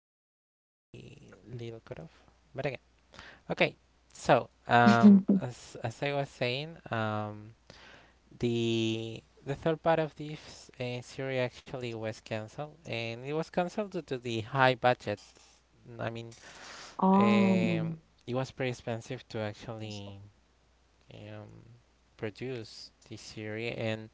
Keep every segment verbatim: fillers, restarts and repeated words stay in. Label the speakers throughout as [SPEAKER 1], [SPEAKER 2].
[SPEAKER 1] was a little cutoff, but again, okay. So um,
[SPEAKER 2] Mm.
[SPEAKER 1] as as I was saying, um, the the third part of this uh, series actually was cancelled, and it was cancelled due to the high budget. I mean, um,
[SPEAKER 2] Oh.
[SPEAKER 1] it was pretty expensive to actually um, produce this series, and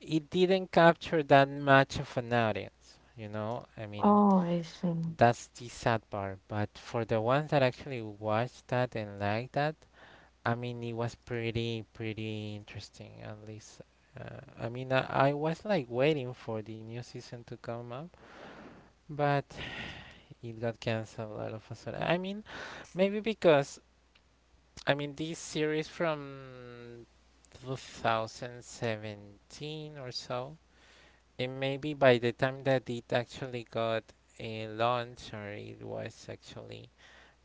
[SPEAKER 1] it didn't capture that much of an audience. You know, I mean,
[SPEAKER 2] Oh, I see.
[SPEAKER 1] that's the sad part. But for the ones that actually watched that and liked that, I mean, it was pretty, pretty interesting, at least. Uh, I mean, I, I was like waiting for the new season to come up, but it got canceled all of a sudden. I mean, maybe because, I mean, this series from twenty seventeen or so, and maybe by the time that it actually got a launch or it was actually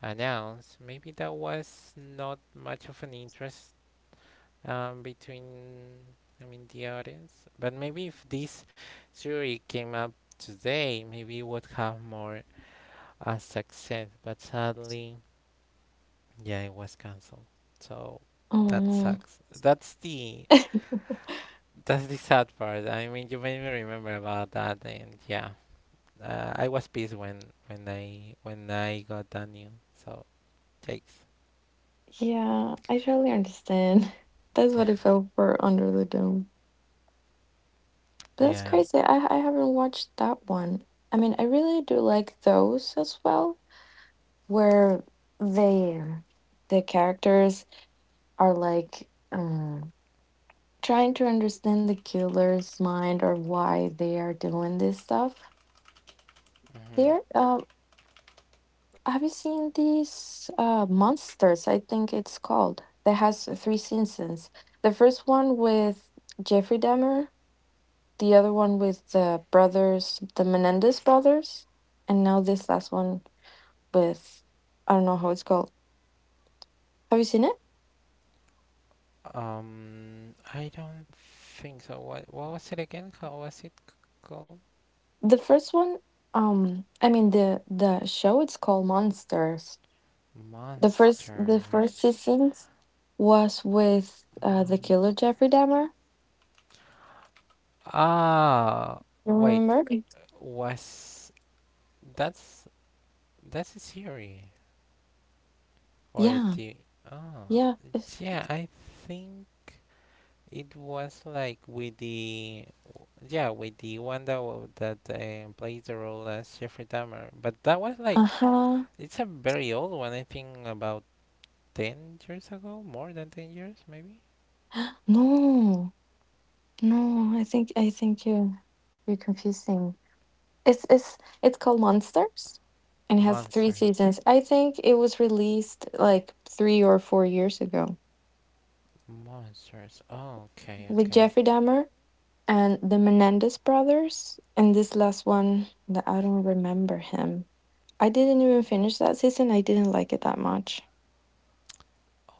[SPEAKER 1] announced, maybe that was not much of an interest um, between, I mean, the audience. But maybe if this theory came up today, maybe it would have more uh, success. But sadly, yeah, it was canceled. So that
[SPEAKER 2] Mm.
[SPEAKER 1] sucks. That's the that's the sad part. I mean, you made me remember about that, and yeah, uh, I was pissed when when I when I got that news. So takes.
[SPEAKER 2] Yeah, I totally understand. That's what it felt for Under the Dome. But that's
[SPEAKER 1] Yeah.
[SPEAKER 2] crazy. I I haven't watched that one. I mean, I really do like those as well, where they the characters are like um, trying to understand the killer's mind or why they are doing this stuff. There,
[SPEAKER 1] Mm-hmm.
[SPEAKER 2] um, have you seen these uh monsters? I think it's called that has three seasons. The first one with Jeffrey Dahmer, the other one with the brothers, the Menendez brothers, and now this last one with I don't know how it's called. Have you seen it?
[SPEAKER 1] Um, I don't think so. What what was it again? How was it c- called?
[SPEAKER 2] The first one, um, I mean the the show. It's called Monsters. The first the first
[SPEAKER 1] Monsters.
[SPEAKER 2] seasons was with uh the killer
[SPEAKER 1] Monster.
[SPEAKER 2] Jeffrey Dahmer.
[SPEAKER 1] Ah,
[SPEAKER 2] You
[SPEAKER 1] wait.
[SPEAKER 2] remember?
[SPEAKER 1] Was that's that's a series or a
[SPEAKER 2] Yeah,
[SPEAKER 1] T V? Oh,
[SPEAKER 2] yeah, it's
[SPEAKER 1] yeah. I think it was like with the yeah with the one that wa- that uh, plays the role as Jeffrey Dahmer. But that was like
[SPEAKER 2] uh-huh.
[SPEAKER 1] it's a very old one. I think about ten years ago? More than ten years, maybe?
[SPEAKER 2] No, no, I think I think you're you're confusing. It's it's it's called Monsters and it has three
[SPEAKER 1] Monsters.
[SPEAKER 2] seasons. I think it was released like three or four years ago
[SPEAKER 1] Monsters. Oh, okay,
[SPEAKER 2] with
[SPEAKER 1] okay.
[SPEAKER 2] Jeffrey Dahmer and the Menendez brothers. And this last one that I don't remember him. I didn't even finish that season. I didn't like it that much.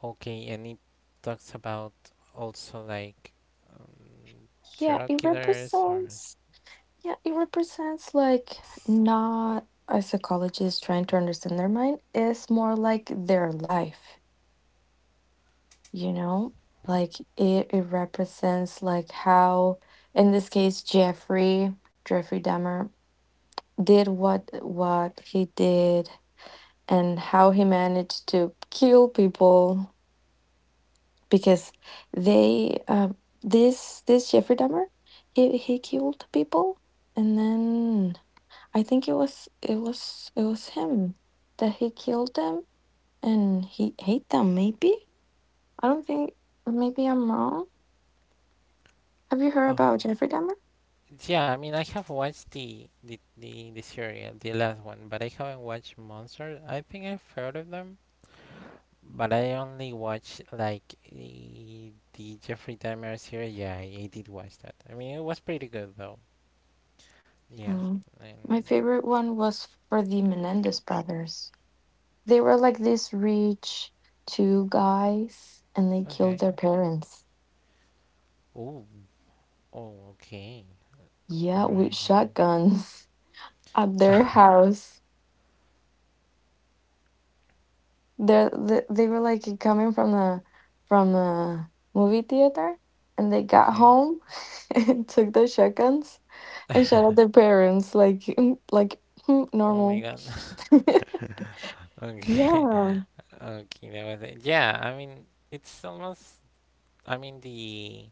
[SPEAKER 1] Okay, and it talks about also like um,
[SPEAKER 2] Yeah,
[SPEAKER 1] serial
[SPEAKER 2] it
[SPEAKER 1] killers or.
[SPEAKER 2] represents Yeah, it represents like not a psychologist trying to understand their mind. It's more like their life, you know? Like it, it represents like how in this case Jeffrey, Jeffrey Dahmer did what what he did and how he managed to kill people because they uh, this this Jeffrey Dahmer he he killed people and then I think it was it was it was him that he killed them and he hate them maybe? I don't think maybe I'm wrong. Have you heard about
[SPEAKER 1] Oh.
[SPEAKER 2] Jeffrey Dahmer?
[SPEAKER 1] Yeah, I mean, I have watched the, the, the, the serial, the last one, but I haven't watched Monsters. I think I've heard of them, but I only watched like the, the Jeffrey Dahmer series. Yeah, I, I did watch that. I mean, it was pretty good though. Yeah,
[SPEAKER 2] Mm.
[SPEAKER 1] and
[SPEAKER 2] My favorite one was for the Menendez brothers. They were like these rich two guys and they killed
[SPEAKER 1] okay.
[SPEAKER 2] their parents.
[SPEAKER 1] Oh. Oh, okay. All
[SPEAKER 2] Yeah, with
[SPEAKER 1] right, all right.
[SPEAKER 2] shotguns at their house. They they they were like coming from the from the movie theater, and they got
[SPEAKER 1] Okay.
[SPEAKER 2] home and took the shotguns and shot at their parents like mm, like mm,
[SPEAKER 1] Oh my
[SPEAKER 2] normal.
[SPEAKER 1] God. Okay.
[SPEAKER 2] Yeah,
[SPEAKER 1] Okay, that was it. Yeah, I mean, it's almost, I mean, the,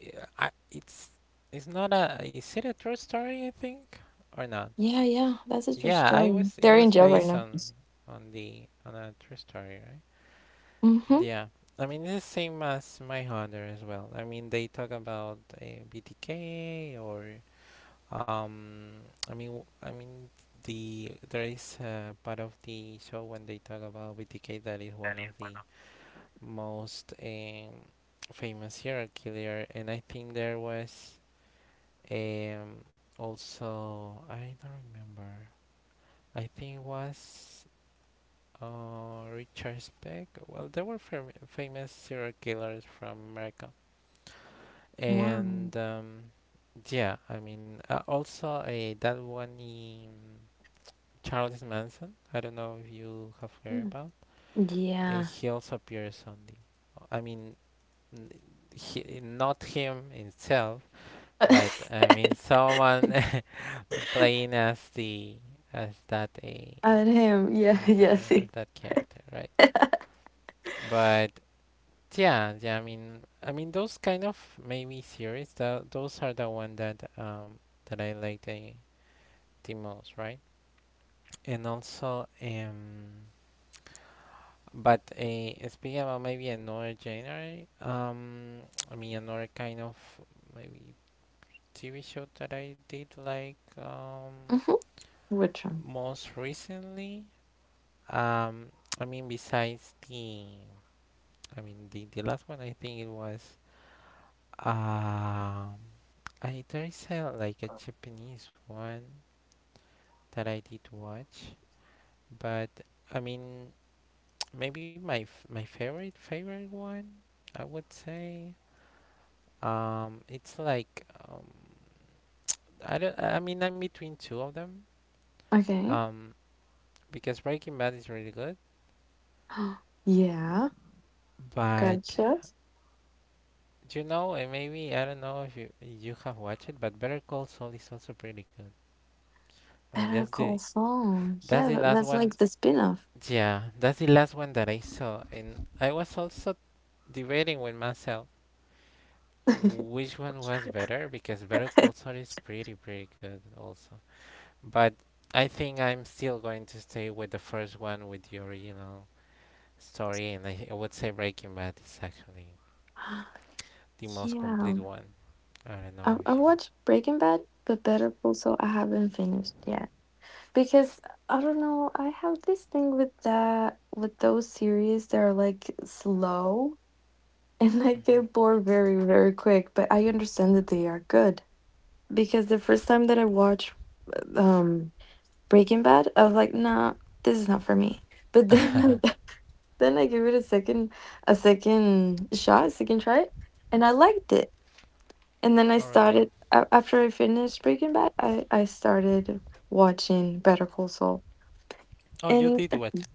[SPEAKER 1] yeah, I, it's, it's not a, is it a true story, I think, or not?
[SPEAKER 2] yeah, yeah. That's a true
[SPEAKER 1] Yeah, I
[SPEAKER 2] story.
[SPEAKER 1] was, it
[SPEAKER 2] They're in
[SPEAKER 1] was
[SPEAKER 2] jail right
[SPEAKER 1] based
[SPEAKER 2] now.
[SPEAKER 1] on, on the, on a true story, right?
[SPEAKER 2] Mm-hmm.
[SPEAKER 1] Yeah. I mean, it's the same as My Hunter as well. I mean, they talk about uh, B T K or Um, I mean, I mean, the there is a part of the show when they talk about B T K that is one of the most um, famous serial killer, and I think there was um also I don't remember. I think it was uh Richard Speck. Well, there were fam- famous serial killers from America,
[SPEAKER 2] Wow.
[SPEAKER 1] and um, yeah, I mean, uh, also uh, that one in Charles Manson. I don't know if you have heard
[SPEAKER 2] Mm.
[SPEAKER 1] about. And
[SPEAKER 2] Yeah.
[SPEAKER 1] he also appears on the. I mean, n- he, not him himself, but I mean someone playing as the as that a
[SPEAKER 2] At him. Yeah. Yeah. See.
[SPEAKER 1] as that character, right? But yeah, yeah. I mean, I mean those kind of maybe series. Tho- those are the one that um that I like the the most, right? And also um but uh, speaking about maybe another genre, um, I mean another kind of maybe T V show that I did like um,
[SPEAKER 2] Mm-hmm. Which one?
[SPEAKER 1] most recently. Um, I mean besides the, I mean the, the last one I think it was. Um, I there is a like a Japanese one that I did watch, but I mean maybe my f- my favorite favorite one I would say Um, it's like um, I don't. I mean, I'm between two of them.
[SPEAKER 2] Okay.
[SPEAKER 1] Um, because Breaking Bad is really good,
[SPEAKER 2] Yeah,
[SPEAKER 1] but
[SPEAKER 2] gotcha.
[SPEAKER 1] you know, and maybe I don't know if you you have watched it, but Better Call Saul is also pretty good. I mean,
[SPEAKER 2] Better
[SPEAKER 1] that's the
[SPEAKER 2] Call Saul.
[SPEAKER 1] that's
[SPEAKER 2] Yeah,
[SPEAKER 1] the
[SPEAKER 2] tha-
[SPEAKER 1] last
[SPEAKER 2] that's
[SPEAKER 1] one.
[SPEAKER 2] like the spin-off.
[SPEAKER 1] Yeah, that's the last one that I saw, and I was also debating with myself which one was better because Better Call Saul is pretty pretty good also. But I think I'm still going to stay with the first one with the original story, and I, I would say Breaking Bad is actually the most complete
[SPEAKER 2] Yeah.
[SPEAKER 1] one. I don't
[SPEAKER 2] I,
[SPEAKER 1] know if
[SPEAKER 2] I
[SPEAKER 1] you.
[SPEAKER 2] watched Breaking Bad, but Better Call Saul I haven't finished yet. Because I don't know, I have this thing with that with those series that are like slow and I get bored very, very quick, but I understand that they are good. Because the first time that I watched um Breaking Bad, I was like, "No, this is not for me." But then I then I gave it a second a second shot, a second try, and I liked it. And then I
[SPEAKER 1] Oh, really?
[SPEAKER 2] started a after I finished Breaking Bad, I I started watching Better Call Saul.
[SPEAKER 1] Oh, you
[SPEAKER 2] And
[SPEAKER 1] did really watch it.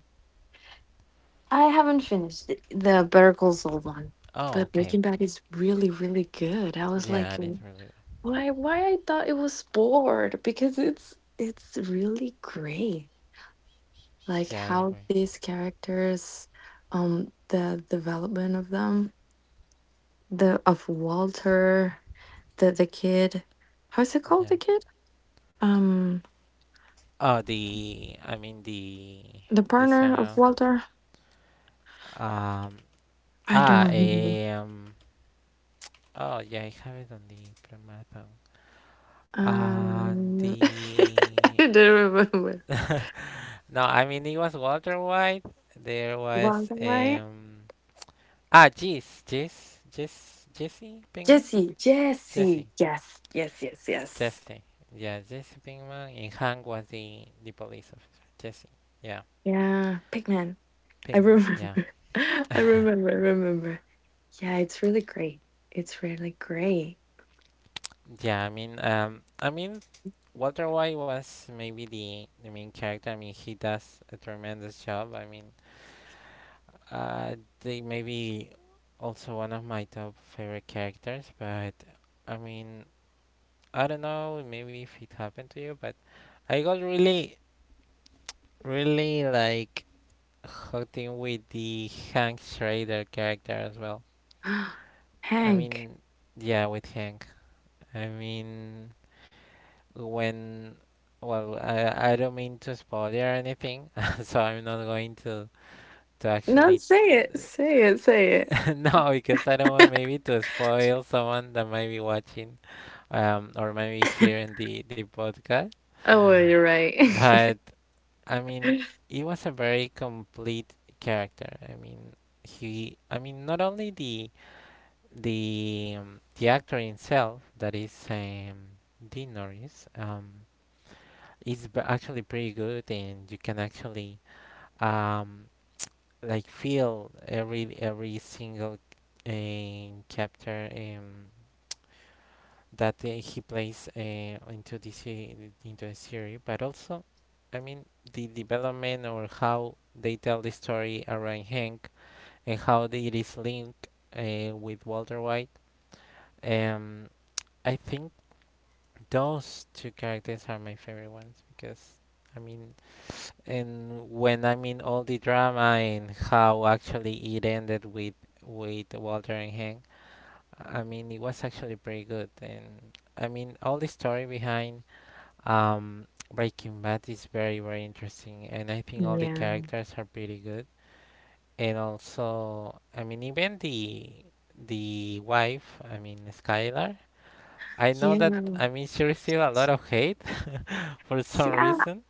[SPEAKER 2] I haven't finished it the Better Call Saul one,
[SPEAKER 1] Oh,
[SPEAKER 2] but
[SPEAKER 1] okay,
[SPEAKER 2] Breaking Bad is really, really good. I was
[SPEAKER 1] okay.
[SPEAKER 2] like,
[SPEAKER 1] Yeah, it is
[SPEAKER 2] "W
[SPEAKER 1] really good.
[SPEAKER 2] why why I thought it was bored?" Because it's it's really great. Like
[SPEAKER 1] Yeah, I
[SPEAKER 2] how
[SPEAKER 1] agree.
[SPEAKER 2] these characters um the development of them the of Walter the the kid how's it called
[SPEAKER 1] Yeah.
[SPEAKER 2] the kid um
[SPEAKER 1] Oh, the. I mean, the.
[SPEAKER 2] the
[SPEAKER 1] This
[SPEAKER 2] partner of
[SPEAKER 1] channel.
[SPEAKER 2] Walter
[SPEAKER 1] Um.
[SPEAKER 2] I don't
[SPEAKER 1] Ah,
[SPEAKER 2] remember
[SPEAKER 1] um. Oh, yeah, I have it on the Prematon. And
[SPEAKER 2] um
[SPEAKER 1] the.
[SPEAKER 2] I don't remember.
[SPEAKER 1] No, I mean it was Walter White. There was
[SPEAKER 2] Walter, right.
[SPEAKER 1] um ah Jess Jess Jess Jesse Pinkman.
[SPEAKER 2] jesse jesse
[SPEAKER 1] Jesse
[SPEAKER 2] yes yes yes yes.
[SPEAKER 1] Jesse Yeah, Jesse Pinkman, and Hank was the the police officer. Jesse, yeah.
[SPEAKER 2] Yeah, Pigman. I
[SPEAKER 1] Pinkman,
[SPEAKER 2] remember.
[SPEAKER 1] yeah.
[SPEAKER 2] i remember I remember. Yeah, it's really great it's really great.
[SPEAKER 1] Yeah, I mean um I mean Walter White was maybe the the main character. I mean he does a tremendous job. I mean uh they maybe also one of my top favorite characters, but I mean I don't know, maybe if it happened to you, but I got really, really like hooked in with the Hank Schrader character as well. I
[SPEAKER 2] Hank.
[SPEAKER 1] mean, yeah, with Hank. I mean, when, well, I, I don't mean to spoil or anything, so I'm not going to to
[SPEAKER 2] No,
[SPEAKER 1] actually
[SPEAKER 2] say it. Say it. Say it.
[SPEAKER 1] no because I don't want maybe to spoil someone that might be watching um or maybe hearing the the podcast.
[SPEAKER 2] Oh, well, you're right.
[SPEAKER 1] But I mean, he was a very complete character. I mean, he. I mean, not only the the um, the actor himself, that is um, Dean Norris, um, is b- actually pretty good, and you can actually um like feel every every single uh, chapter. Um, that uh, he plays uh, into this se- into the series, but also, I mean, the development or how they tell the story around Hank and how it is linked uh, with Walter White. Um, I think those two characters are my favorite ones because. I mean, and when I mean all the drama and how actually it ended with with Walter and Hank, I mean it was actually pretty good. And I mean all the story behind. Um, Breaking Bad is very, very interesting, and I think all the
[SPEAKER 2] Yeah.
[SPEAKER 1] characters are pretty good. And also, I mean, even the the wife, I mean, Skylar. I know that,
[SPEAKER 2] Yeah.
[SPEAKER 1] I mean, she received a lot of hate for some
[SPEAKER 2] Yeah.
[SPEAKER 1] reason.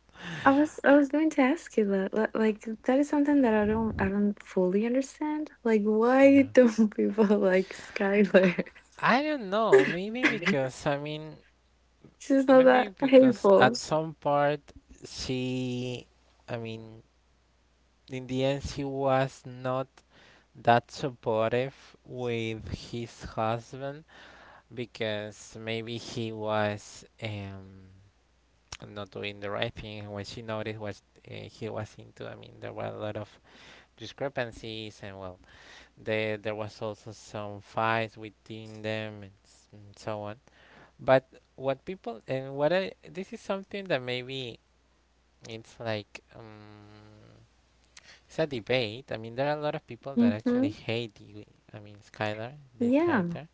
[SPEAKER 2] I was I was going to ask you that, li- like, that is something that I don't I don't fully understand. Like, why
[SPEAKER 1] Yeah.
[SPEAKER 2] don't people like Skylar?
[SPEAKER 1] I don't know. Maybe because, I mean,
[SPEAKER 2] She's not
[SPEAKER 1] maybe
[SPEAKER 2] that
[SPEAKER 1] because
[SPEAKER 2] hateful.
[SPEAKER 1] at some part she, I mean, in the end, she was not that supportive with his husband because maybe he was um, not doing the right thing when she noticed what uh, he was into. I mean there were a lot of discrepancies and well there there was also some fights within them and, s- and so on, but what people and what I this is something that maybe it's like um it's a debate. I mean there are a lot of people that actually
[SPEAKER 2] Mm-hmm.
[SPEAKER 1] hate you, I mean Skylar, their
[SPEAKER 2] Yeah.
[SPEAKER 1] character,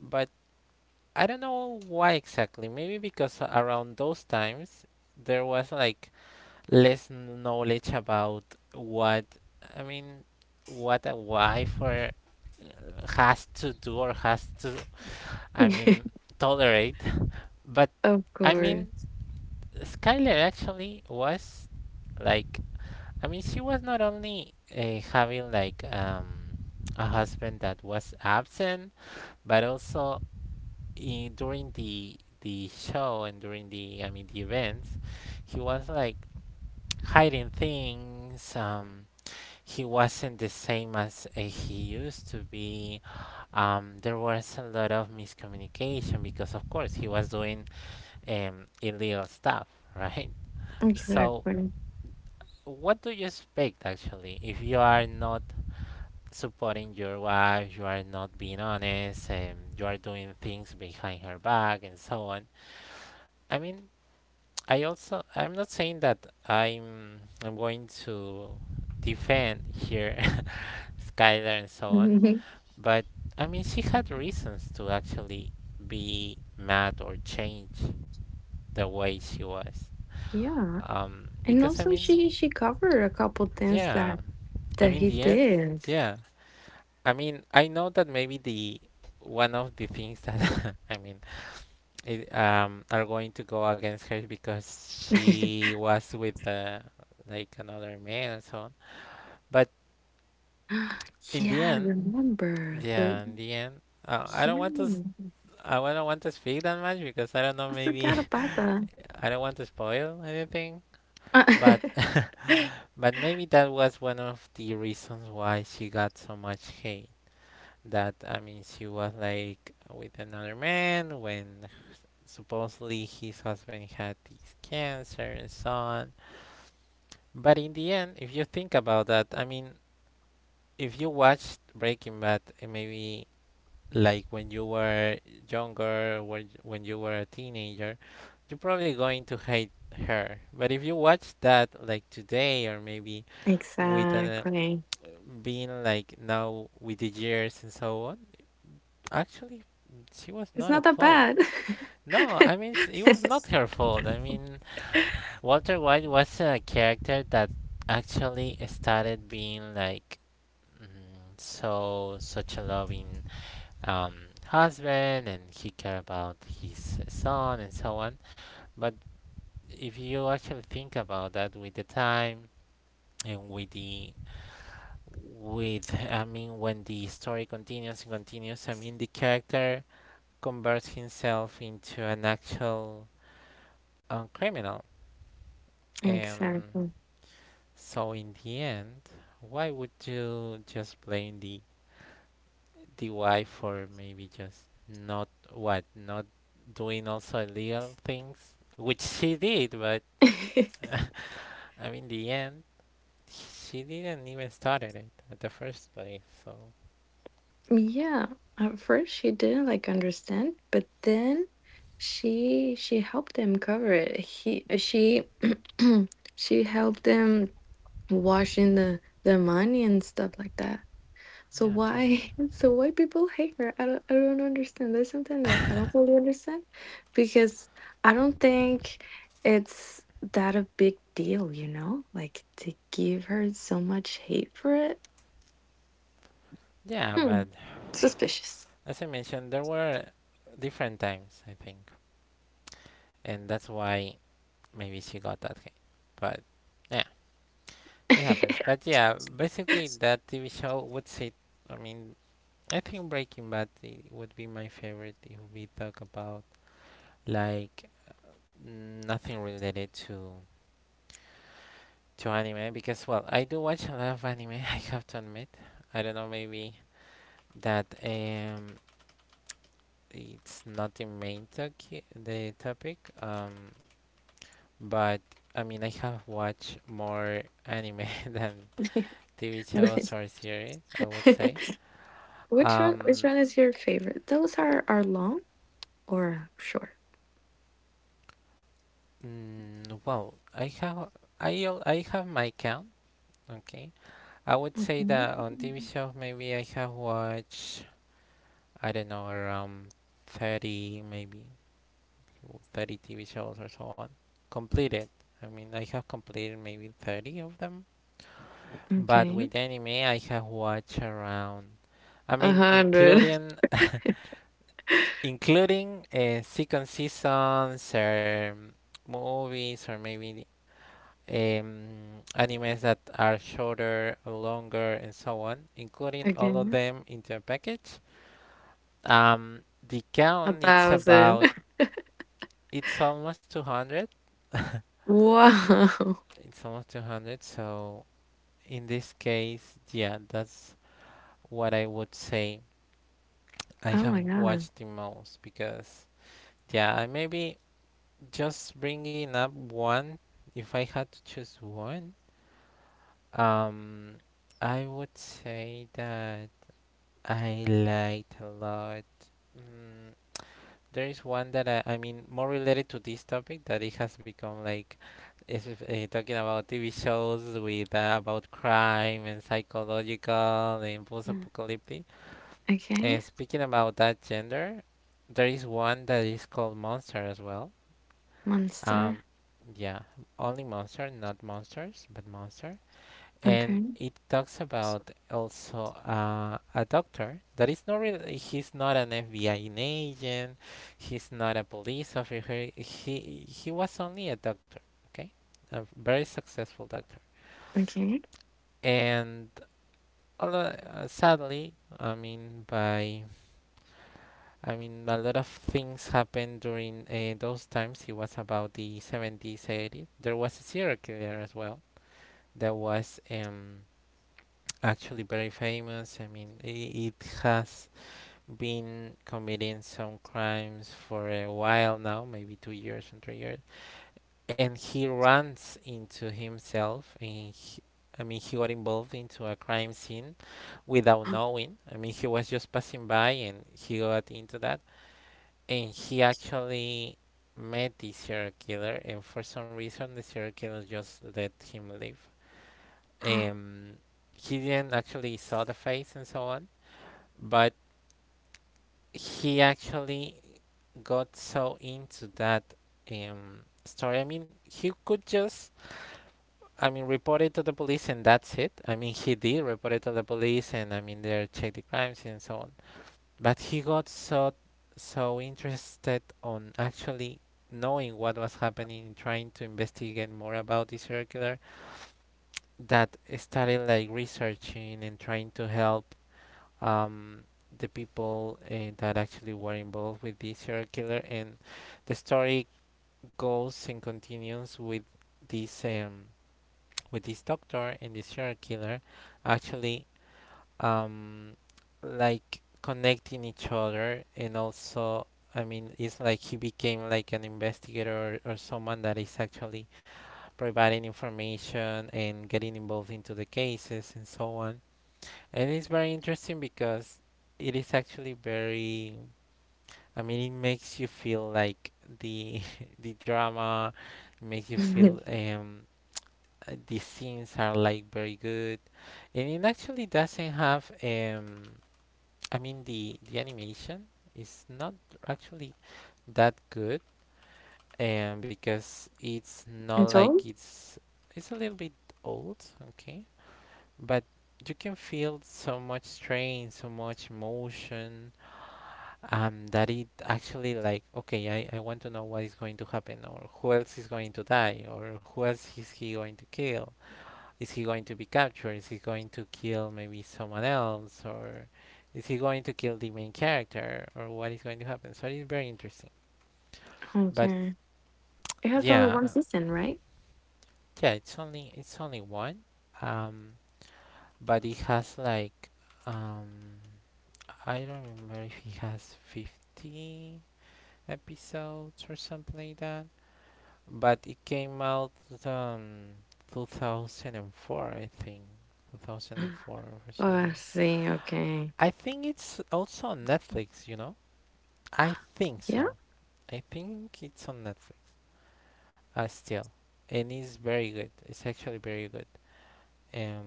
[SPEAKER 1] but I don't know why exactly. Maybe because around those times there was like less knowledge about what I mean, what a wife or uh, has to do or has to, I mean, tolerate. But
[SPEAKER 2] Of
[SPEAKER 1] I mean,
[SPEAKER 2] course.
[SPEAKER 1] Skylar actually was like I mean she was not only uh, having like um a husband that was absent, but also i- during the the show and during the I mean the events, he was like hiding things. Um, he wasn't the same as uh, he used to be. Um, there was a lot of miscommunication because, of course, he was doing um, illegal stuff, right? So,
[SPEAKER 2] Exactly.
[SPEAKER 1] what do you expect actually if you are not supporting your wife, you are not being honest, and you are doing things behind her back, and so on? I mean, I also I'm not saying that I'm I'm going to defend here Skylar and so on, but I mean she had reasons to actually be mad or change the way she was.
[SPEAKER 2] Yeah.
[SPEAKER 1] Um,
[SPEAKER 2] And
[SPEAKER 1] because I
[SPEAKER 2] also
[SPEAKER 1] mean,
[SPEAKER 2] she she covered a couple things
[SPEAKER 1] yeah,
[SPEAKER 2] that
[SPEAKER 1] I
[SPEAKER 2] that
[SPEAKER 1] mean
[SPEAKER 2] he
[SPEAKER 1] the end,
[SPEAKER 2] did.
[SPEAKER 1] yeah. I mean I know that maybe the one of the things that I mean it, um, are going to go against her because she was with uh, like another man and so on. But in
[SPEAKER 2] Yeah,
[SPEAKER 1] the
[SPEAKER 2] I
[SPEAKER 1] end,
[SPEAKER 2] remember the
[SPEAKER 1] yeah, in the end, uh, I don't want to. s-
[SPEAKER 2] yeah.
[SPEAKER 1] I don't want to speak that much because I don't
[SPEAKER 2] I
[SPEAKER 1] know.
[SPEAKER 2] forgot
[SPEAKER 1] Maybe
[SPEAKER 2] about that.
[SPEAKER 1] I don't want to spoil anything. But but maybe that was one of the reasons why she got so much hate. That I mean, she was like with another man when supposedly his husband had this cancer and so on. But in the end, if you think about that, I mean, if you watched Breaking Bad, eh, maybe like when you were younger, when when you were a teenager, you're probably going to hate her. But if you watch that like today, or maybe with uh,
[SPEAKER 2] Exactly.
[SPEAKER 1] being like now with the years and so on, actually, she was
[SPEAKER 2] It's
[SPEAKER 1] not
[SPEAKER 2] not
[SPEAKER 1] at
[SPEAKER 2] that
[SPEAKER 1] fault.
[SPEAKER 2] bad.
[SPEAKER 1] No, I mean, s- it was not her fault. I mean, Walter White was a character that actually started being like Mm, so such a loving um, husband and he care about his son and so on, but if you actually think about that with the time and with the, with I mean when the story continues and continues, I mean the character converts himself into an actual um, criminal. um
[SPEAKER 2] Exactly.
[SPEAKER 1] so in the end, why would you just blame the D U I for maybe just not, what not doing also illegal things, which she did, but I mean, in the end, she didn't even started it at the first place. So
[SPEAKER 2] Yeah, at first she didn't like understand, but then she she helped him cover it. He uh, she she helped them washing the the money and stuff like that. So
[SPEAKER 1] yeah, totally.
[SPEAKER 2] why so why people hate her? I don't I don't understand. That's something that I don't fully understand because I don't think it's that a big deal, you know? Like to give her so much hate for it.
[SPEAKER 1] Yeah,
[SPEAKER 2] Hmm,
[SPEAKER 1] but
[SPEAKER 2] suspicious.
[SPEAKER 1] as I mentioned, there were different times I think, and that's why maybe she got that hate. But yeah, it happens. But yeah, basically that T V show would say. I mean, I think Breaking Bad i- would be my favorite if we talk about like nothing related to to anime, because well, I do watch a lot of anime I have to admit. I don't know, maybe that um it's not the main toki- the topic, um but I mean, I have watched more anime than T V shows or series, I would say.
[SPEAKER 2] Which one which
[SPEAKER 1] um
[SPEAKER 2] one is your favorite? Those are are long or short?
[SPEAKER 1] mm, well, I have, I al- I have my count. Okay, I would say
[SPEAKER 2] Mhm.
[SPEAKER 1] that on T V shows maybe I have watched, I don't know, around thirty maybe, thirty T V shows or so on. Completed. I mean, I have completed maybe thirty of them. But
[SPEAKER 2] Okay.
[SPEAKER 1] with anime, I have watched around, I
[SPEAKER 2] A
[SPEAKER 1] mean,
[SPEAKER 2] hundred.
[SPEAKER 1] including including uh, second seasons or movies, or maybe um, animes that are shorter, or longer, and so on, including all of
[SPEAKER 2] Okay.
[SPEAKER 1] them into a package. Um, the
[SPEAKER 2] A
[SPEAKER 1] count it's
[SPEAKER 2] thousand.
[SPEAKER 1] about, it's almost two hundred.
[SPEAKER 2] Wow. Oh
[SPEAKER 1] It's almost two hundred. So in this case, yeah, that's what I would say I
[SPEAKER 2] my
[SPEAKER 1] have
[SPEAKER 2] god.
[SPEAKER 1] watched the most. Because, yeah, I maybe just bringing up one, if I had to choose one, um, I would say that I liked a lot. Mm, there is one that I, I mean more related to this topic, that it has become like, is uh, talking about T V shows with uh, about crime and psychological and
[SPEAKER 2] Mm.
[SPEAKER 1] post-apocalyptic.
[SPEAKER 2] Okay.
[SPEAKER 1] And speaking about that gender, there is one that is called Monster as well. Um,
[SPEAKER 2] Monster.
[SPEAKER 1] yeah, only Monster, not monsters, but Monster. And
[SPEAKER 2] Okay.
[SPEAKER 1] it talks about also uh, a doctor that is not really, he's not an F B I agent, he's not a police officer, he he was only a doctor. Okay, a very successful doctor.
[SPEAKER 2] Okay.
[SPEAKER 1] And although, uh, sadly, I mean by I mean a lot of things happened during uh, those times. It was about the seventies, eighties, there was a serial killer as well that was um actually very famous. I mean, i- it has been committing some crimes for a while now, maybe two years and three years. And he runs into himself, and he, I mean, he got involved into a crime scene without knowing. I mean, he was just passing by, and he got into that, and he actually met the serial killer, and for some reason, the serial killer just let him live. Um, he didn't actually saw the face and so on, but he actually got so into that um, story. I mean, he could just, I mean, report it to the police and that's it. I mean, he did report it to the police, and I mean, they checked the crimes and so on. But he got so, so interested on actually knowing what was happening, trying to investigate more about the serial killer, that started like researching and trying to help um, the people uh, that actually were involved with this serial killer. And the story goes and continues with this um, with this doctor and this serial killer actually, um, like connecting each other, and also. I mean, it's like he became like an investigator, or or someone that is actually providing information and getting involved into the cases and so on. And it's very interesting because it is actually very, I mean, it makes you feel like the the drama. It makes you feel um uh, the scenes are like very good. And it actually doesn't have um I mean the the animation is not actually that good, um because it's not
[SPEAKER 2] It's
[SPEAKER 1] like
[SPEAKER 2] all?
[SPEAKER 1] it's it's a little bit old, okay? But you can feel so much strain, so much emotion, um, that it actually like, okay, I, I want to know what is going to happen, or who else is going to die, or who else is he going to kill, is he going to be captured, is he going to kill maybe someone else, or is he going to kill the main character, or what is going to happen. So it's very interesting. But
[SPEAKER 2] Okay. It has only
[SPEAKER 1] yeah,
[SPEAKER 2] one season, right?
[SPEAKER 1] yeah, it's only, it's only one, um but it has like um I don't remember if it has fifty episodes or something like that. But it came out, um two thousand four, I think. two thousand four or so
[SPEAKER 2] Oh, I
[SPEAKER 1] on.
[SPEAKER 2] see. Okay.
[SPEAKER 1] I think it's also on Netflix, you know. I think
[SPEAKER 2] Yeah,
[SPEAKER 1] so. I think it's on Netflix, uh, still. And it's very good, it's actually very good. um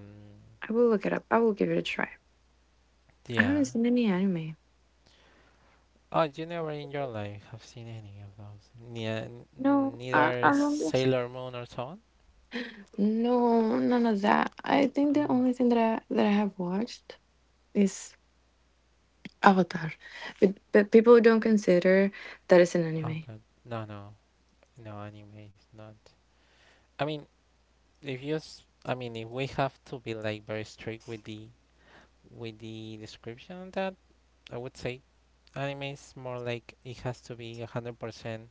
[SPEAKER 2] I will look it up. I will give it a try. I
[SPEAKER 1] yeah.
[SPEAKER 2] haven't seen any anime.
[SPEAKER 1] Oh, you never in your life have seen any of those? Yeah,
[SPEAKER 2] No, I,
[SPEAKER 1] neither
[SPEAKER 2] I don't. do-
[SPEAKER 1] Sailor Moon or so on?
[SPEAKER 2] No, none of that. I think the only
[SPEAKER 1] Oh,
[SPEAKER 2] thing that I that I have watched is Avatar, but but people don't consider that it's an
[SPEAKER 1] oh,
[SPEAKER 2] anime.
[SPEAKER 1] but no, no, no animes, not, I mean, if you s- I mean, if we have to be like very strict with the, with the description on that, I would say anime is more like it has to be one hundred percent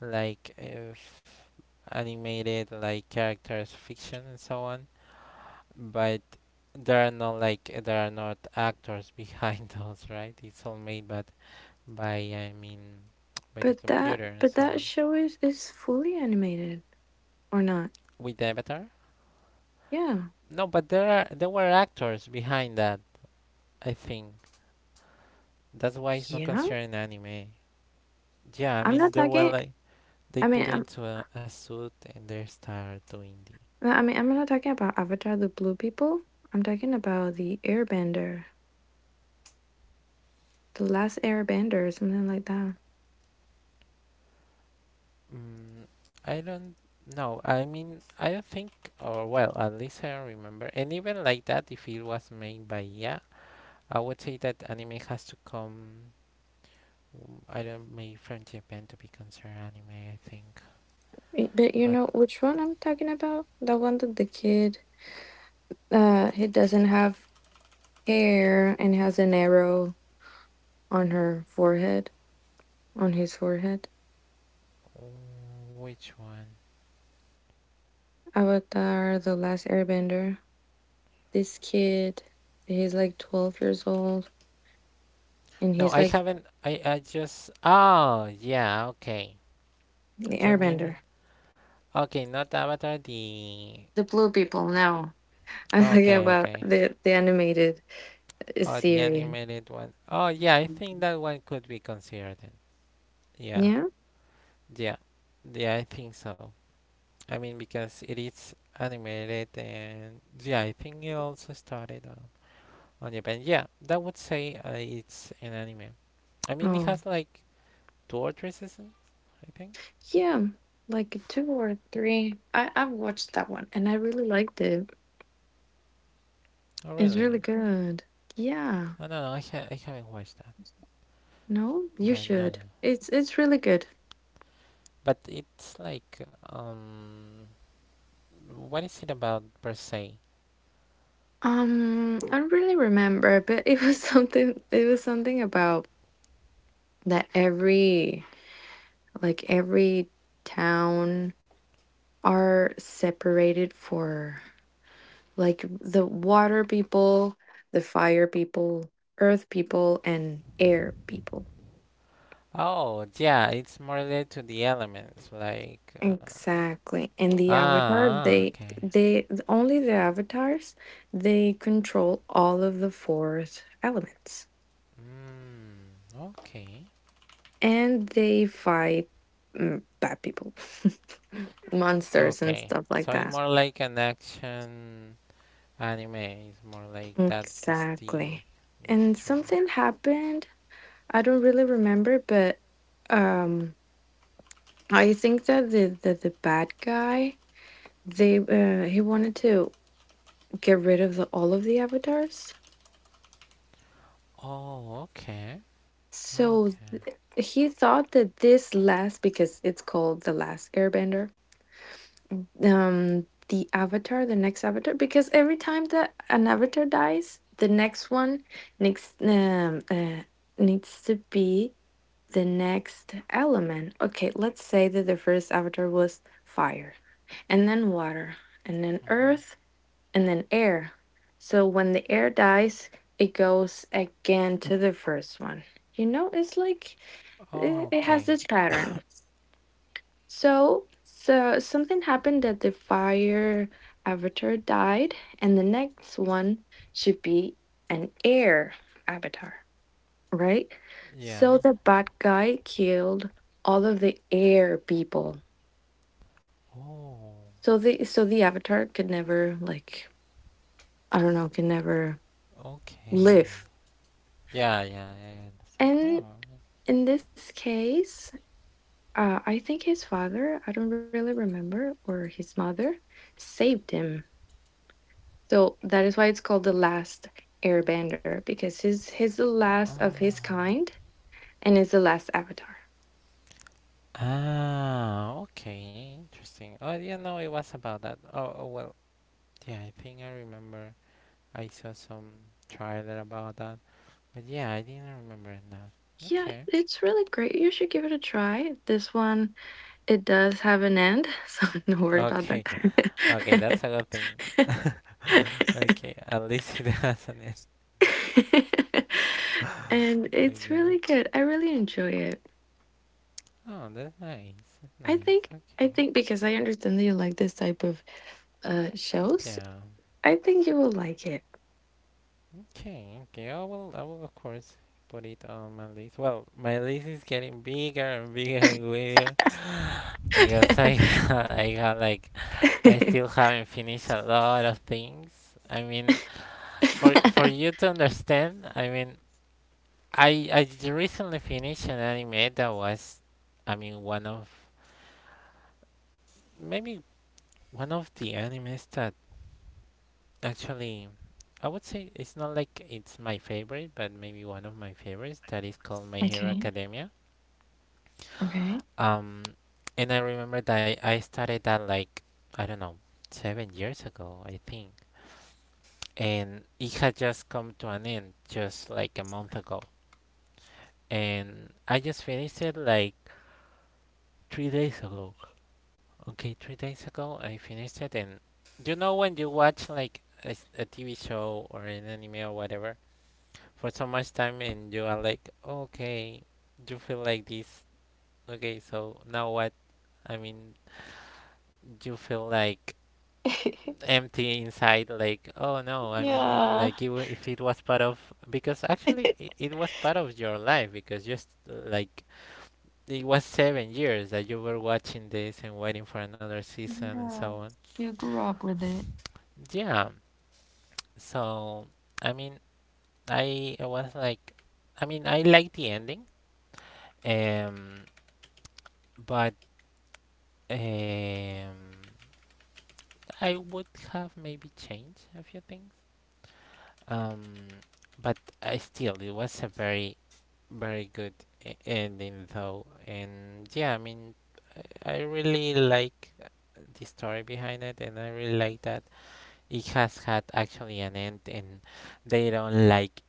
[SPEAKER 1] like, if animated, like characters, fiction and so on. But there are no like uh, there are not actors behind those, right? It's all made, but by I mean by the
[SPEAKER 2] But that
[SPEAKER 1] computer and
[SPEAKER 2] but
[SPEAKER 1] so
[SPEAKER 2] that
[SPEAKER 1] on.
[SPEAKER 2] show is is fully animated or not?
[SPEAKER 1] With the Avatar?
[SPEAKER 2] Yeah,
[SPEAKER 1] No, but there are there were actors behind that, I think. That's why it's not
[SPEAKER 2] yeah.
[SPEAKER 1] considered an anime. Yeah, I
[SPEAKER 2] I'm
[SPEAKER 1] mean,
[SPEAKER 2] not
[SPEAKER 1] they were
[SPEAKER 2] talking.
[SPEAKER 1] like, they
[SPEAKER 2] I
[SPEAKER 1] put
[SPEAKER 2] mean,
[SPEAKER 1] into a, a suit and they start doing the.
[SPEAKER 2] Uh, I mean, I'm not talking about Avatar, the blue people. I'm talking about the Airbender, the last Airbender, or something like that.
[SPEAKER 1] Mm, I don't know. I mean, I don't think, or well, at least I don't remember. And even like that, if it was made by, yeah, I would say that anime has to come, mm, I don't, maybe from Japan, to be considered anime, I think.
[SPEAKER 2] Y- But you
[SPEAKER 1] But
[SPEAKER 2] know which one I'm talking about? The one that the kid, uh, he doesn't have hair and has an arrow on her forehead, on his forehead.
[SPEAKER 1] mm, which one?
[SPEAKER 2] Avatar, the last Airbender. This kid, he's like twelve years old, and
[SPEAKER 1] No,
[SPEAKER 2] he's
[SPEAKER 1] I
[SPEAKER 2] like
[SPEAKER 1] haven't. I I just. Oh yeah, okay.
[SPEAKER 2] the
[SPEAKER 1] You mean,
[SPEAKER 2] Airbender.
[SPEAKER 1] okay, not Avatar, the.
[SPEAKER 2] The blue people, no. I'm talking
[SPEAKER 1] Okay,
[SPEAKER 2] about
[SPEAKER 1] okay.
[SPEAKER 2] the the animated uh,
[SPEAKER 1] Oh, the
[SPEAKER 2] series.
[SPEAKER 1] animated one. Oh, yeah, I think that one could be considered then. Yeah,
[SPEAKER 2] Yeah.
[SPEAKER 1] yeah, yeah, I think so. I mean, because it is animated and. Yeah, I think it also started on, on Japan. Yeah, that would say uh, it's an anime. I mean, it
[SPEAKER 2] Oh,
[SPEAKER 1] has like two or three seasons, I think.
[SPEAKER 2] yeah. Like two or three. I I've watched that one and I really liked it.
[SPEAKER 1] Oh,
[SPEAKER 2] It's really
[SPEAKER 1] really?
[SPEAKER 2] good. Yeah.
[SPEAKER 1] Oh, no, no, I, ha- I haven't watched that.
[SPEAKER 2] No, you
[SPEAKER 1] But no, no, no.
[SPEAKER 2] should. It's it's really good.
[SPEAKER 1] But it's like. um What is it about per se?
[SPEAKER 2] Um, I don't really remember, but it was something. It was something about that every like every town are separated for like the water people, the fire people, earth people, and air people.
[SPEAKER 1] Oh, yeah, it's more related to the elements, like, uh,
[SPEAKER 2] Exactly. And
[SPEAKER 1] ah,
[SPEAKER 2] the avatar,
[SPEAKER 1] ah,
[SPEAKER 2] they
[SPEAKER 1] okay,
[SPEAKER 2] they only the avatars, they control all of the fourth elements.
[SPEAKER 1] mm, okay,
[SPEAKER 2] And they fight mm, bad people, monsters and
[SPEAKER 1] okay.
[SPEAKER 2] stuff
[SPEAKER 1] So
[SPEAKER 2] like
[SPEAKER 1] it's
[SPEAKER 2] that.
[SPEAKER 1] more like an action anime. It's more like that is the
[SPEAKER 2] Exactly. And
[SPEAKER 1] ligature.
[SPEAKER 2] something happened. I don't really remember, but um I think that the the, the bad guy, they uh, he wanted to get rid of the, all of the avatars.
[SPEAKER 1] Oh, okay,
[SPEAKER 2] So
[SPEAKER 1] okay.
[SPEAKER 2] th- he thought that this last because it's called the last airbender. Um the avatar, the next avatar because every time that an avatar dies, the next one next um uh, needs to be the next element. Okay, let's say that the first avatar was fire and then water and then
[SPEAKER 1] Hmm.
[SPEAKER 2] earth and then air. So when the air dies, it goes again to the first one. You know, it's like it,
[SPEAKER 1] Oh,
[SPEAKER 2] it has
[SPEAKER 1] okay,
[SPEAKER 2] this pattern. So, so something happened that the fire avatar died, and the next one should be an air avatar, right? So
[SPEAKER 1] yeah.
[SPEAKER 2] the bad guy killed all of the air people.
[SPEAKER 1] Oh,
[SPEAKER 2] So the so the avatar could never like I don't know, can never
[SPEAKER 1] okay,
[SPEAKER 2] live.
[SPEAKER 1] yeah, yeah, yeah, I understand.
[SPEAKER 2] And
[SPEAKER 1] Oh,
[SPEAKER 2] in this case, uh, I think his father, I don't really remember, or his mother, saved him. So that is why it's called the last airbender because he's he's the last
[SPEAKER 1] yeah.
[SPEAKER 2] of his
[SPEAKER 1] Ah.
[SPEAKER 2] kind and is the last avatar.
[SPEAKER 1] Ah, okay, interesting. Oh, yeah, no, it was about that. Oh, oh, well, yeah, I think I remember. I saw some trailer about that, but yeah, I didn't remember that.
[SPEAKER 2] Yeah,
[SPEAKER 1] Okay,
[SPEAKER 2] it's really great. You should give it a try. This one it does have an end, so don't worry about
[SPEAKER 1] okay, okay, that's
[SPEAKER 2] that.
[SPEAKER 1] a good thing. Okay, at least it hasn't it.
[SPEAKER 2] And it's
[SPEAKER 1] Okay.
[SPEAKER 2] really good. I really enjoy it.
[SPEAKER 1] Oh, that's nice. That's
[SPEAKER 2] I
[SPEAKER 1] nice.
[SPEAKER 2] think I
[SPEAKER 1] Okay.
[SPEAKER 2] think because I understand that you like this type of uh shows,
[SPEAKER 1] Yeah.
[SPEAKER 2] I think you will like
[SPEAKER 1] Okay. Okay. I will. I will of course put it on my list. Well, my list is getting bigger and bigger and bigger, because I I got like, I
[SPEAKER 2] it.
[SPEAKER 1] still haven't finished a lot of things. I mean, for for you to understand, I mean, I I j- recently finished an anime that was, I mean, one of, maybe one of the animes that actually, I would say it's not like it's my favorite, but maybe one of my favorites, that is called My Hero
[SPEAKER 2] Okay.
[SPEAKER 1] Academia.
[SPEAKER 2] Okay.
[SPEAKER 1] Um, and I remember that I, I started that like, I don't know, seven years ago, I think. And it had just come to an end just like a month ago. And I just finished it like three days ago. Okay, three days ago I finished it, and you know when you watch like a, s- a T V show or an anime or whatever for so much time, and you are like, okay, you feel like this. Okay, so now what? I mean, you feel like empty inside, like, oh no. I mean it,
[SPEAKER 2] Yeah.
[SPEAKER 1] like it, wa- if it was part of, because actually it, it was part of your life because just uh, like it was seven years that you were watching this and waiting for another season and
[SPEAKER 2] Yeah.
[SPEAKER 1] so on.
[SPEAKER 2] You grew up with it.
[SPEAKER 1] Yeah. So I mean, i I was like, I mean, I like the ending, um but, um I would have maybe changed a few things, um but I still, it was a very Very good e- ending, though. And yeah, I mean, I I really like the story behind it, and I really like that it has had actually an end, and they don't like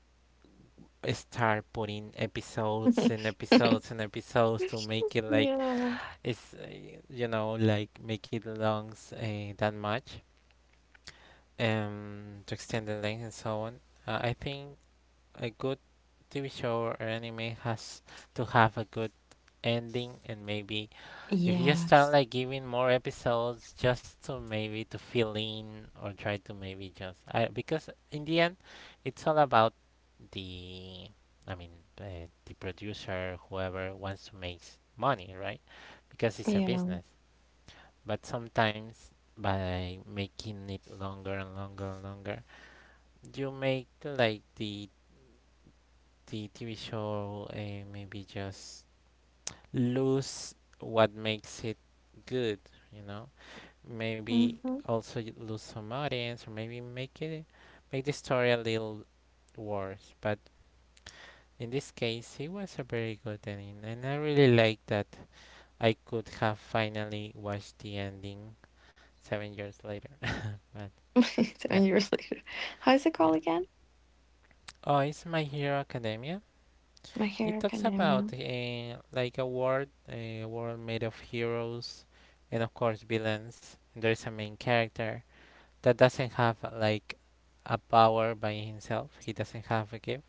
[SPEAKER 1] start putting episodes and episodes and episodes to make it like
[SPEAKER 2] Yeah.
[SPEAKER 1] it's, uh, you know, like make it longs, uh, that much, um to extend the length and so on. Uh, I think a good T V show or anime has to have a good ending. And maybe if you start
[SPEAKER 2] Yes.
[SPEAKER 1] like giving more episodes, just to maybe to fill in or try to maybe just, I, because in the end it's all about the, I mean, uh, the producer, whoever wants to make money, right? Because it's a
[SPEAKER 2] Yeah.
[SPEAKER 1] business. But sometimes, by making it longer and longer and longer, you make like the the T V show, uh, maybe just lose what makes it good, you know? Maybe
[SPEAKER 2] Mm-hmm.
[SPEAKER 1] also y- lose some audience or maybe make it make the story a little worse. But in this case, it was a very good ending, and I really like that I could have finally watched the ending seven years later. But yeah,
[SPEAKER 2] Seven years later. How is it
[SPEAKER 1] yeah.
[SPEAKER 2] called again?
[SPEAKER 1] Oh, it's My Hero Academia.
[SPEAKER 2] My Hero
[SPEAKER 1] It talks
[SPEAKER 2] Academia.
[SPEAKER 1] about, eh, like a world, eh, a world made of heroes and of course villains. There's a main character that doesn't have, uh, like a power by himself. He doesn't have a gift,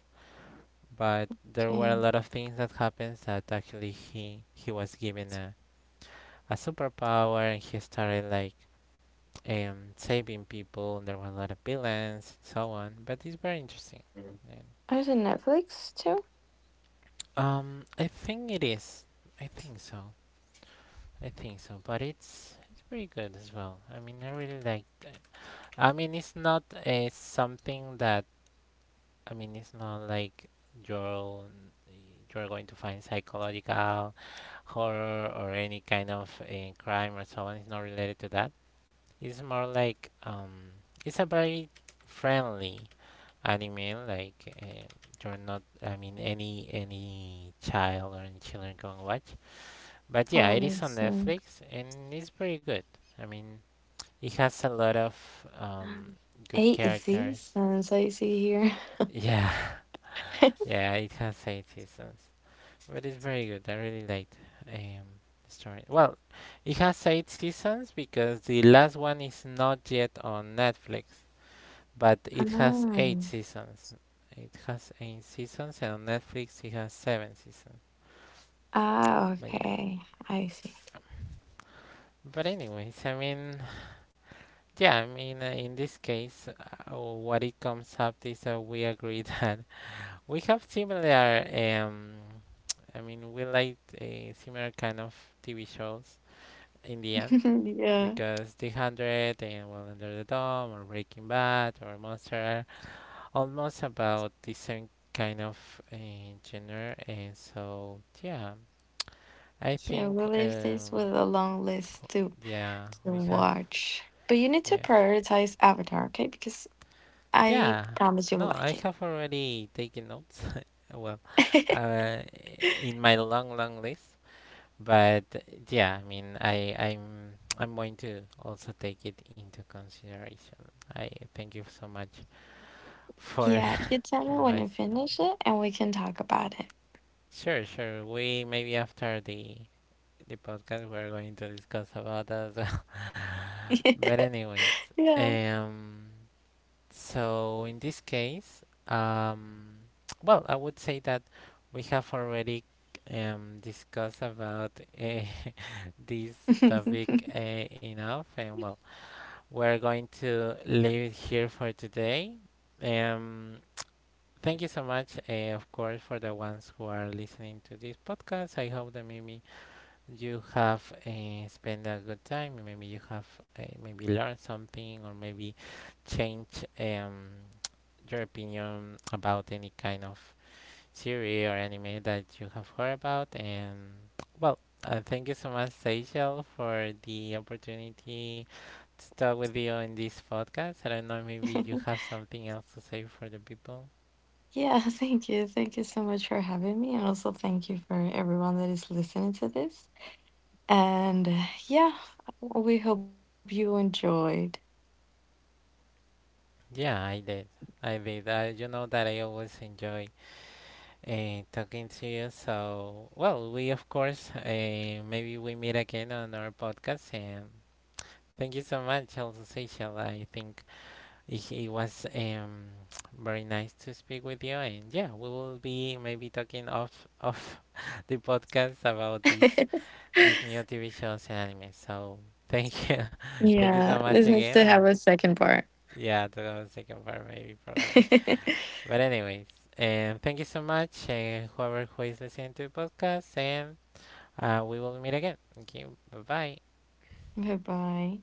[SPEAKER 1] but there were a
[SPEAKER 2] Okay.
[SPEAKER 1] lot of things that happens that actually he he was given a a superpower, and he started like, um saving people. And there were a lot of villains and so on. But it's very interesting. And,
[SPEAKER 2] Oh, is it Netflix too?
[SPEAKER 1] um, I think it is. I think so. I think so, but it's it's pretty good as well. I mean, I really like. I mean, it's not, uh, something that, I mean, it's not like you're you're going to find psychological horror or any kind of, uh, crime or so on. It's not related to that. It's more like, um, it's a very friendly anime. Like, uh, you're not, I mean, any any child or any children can watch. But yeah,
[SPEAKER 2] Oh,
[SPEAKER 1] it
[SPEAKER 2] I
[SPEAKER 1] is on
[SPEAKER 2] see.
[SPEAKER 1] Netflix and it's pretty good. I mean, it has a lot of, um, good
[SPEAKER 2] Eight
[SPEAKER 1] characters.
[SPEAKER 2] seasons I see here.
[SPEAKER 1] Yeah. Yeah, it has eight seasons, but it's very good. I really liked, um, the story. Well, it has eight seasons because the last one is not yet on Netflix, but it has
[SPEAKER 2] Ah,
[SPEAKER 1] eight seasons. It has eight seasons, and on Netflix it has seven seasons.
[SPEAKER 2] ah,
[SPEAKER 1] But yeah.
[SPEAKER 2] okay. I see.
[SPEAKER 1] But anyways, I mean, yeah, I mean, uh, in this case, uh, what it comes up is that we agree that we have similar. Um, I mean, we liked, uh, similar kind of T V shows in the end,
[SPEAKER 2] Yeah.
[SPEAKER 1] because The Hundred and, well, Under the Dome or Breaking Bad or Monster are almost about the same kind of, uh, genre, and so yeah, I
[SPEAKER 2] Yeah,
[SPEAKER 1] think,
[SPEAKER 2] we leave this
[SPEAKER 1] um,
[SPEAKER 2] with a long list too.
[SPEAKER 1] yeah,
[SPEAKER 2] To
[SPEAKER 1] we have,
[SPEAKER 2] watch. But you need to
[SPEAKER 1] yeah,
[SPEAKER 2] prioritize Avatar, okay? Because I
[SPEAKER 1] yeah.
[SPEAKER 2] promise you
[SPEAKER 1] No,
[SPEAKER 2] will
[SPEAKER 1] I
[SPEAKER 2] like it.
[SPEAKER 1] have already taken notes. Well, uh, in my long long list. But yeah, I mean, I I'm I'm going to also take it into consideration. I thank you so much for
[SPEAKER 2] Yeah, you tell me when you
[SPEAKER 1] advising on.
[SPEAKER 2] finish it and we can talk about
[SPEAKER 1] Sure, sure. We maybe after the the podcast we're going to discuss about that as well.
[SPEAKER 2] it.
[SPEAKER 1] But anyways,
[SPEAKER 2] Yeah.
[SPEAKER 1] um, so in this case, um, well, I would say that we have already, um discussed about, uh, this topic, uh, enough, and well we're going to leave it here for today. Um, Thank you so much, uh, of course, for the ones who are listening to this podcast. I hope that maybe you have, uh, spent a good time. Maybe you have, uh, maybe learned something, or maybe changed, um, your opinion about any kind of series or anime that you have heard about. And well, uh, thank you so much, Seychelles, for the opportunity to talk with you in this podcast. I don't know, maybe you have something else to say for the people.
[SPEAKER 2] Yeah, thank you. Thank you so much for having me. And also thank you for everyone that is listening to this. And uh, yeah, we hope you enjoyed.
[SPEAKER 1] Yeah, I did. I did. Uh, you know that I always enjoy, uh, talking to you. So, well, we of course, uh, maybe we meet again on our podcast. And thank you so much, also Seychelles. I think It, it was, um, very nice to speak with you, and yeah, we will be maybe talking off of the podcast about these these new T V shows and anime. So thank you, thank
[SPEAKER 2] Yeah,
[SPEAKER 1] you so
[SPEAKER 2] this
[SPEAKER 1] much
[SPEAKER 2] needs to
[SPEAKER 1] again,
[SPEAKER 2] have a
[SPEAKER 1] and
[SPEAKER 2] second part.
[SPEAKER 1] yeah, to the second part maybe probably. But anyways, and thank you so much, and whoever who is listening to the podcast, and, uh, we will meet again. Okay, bye bye.
[SPEAKER 2] Bye bye.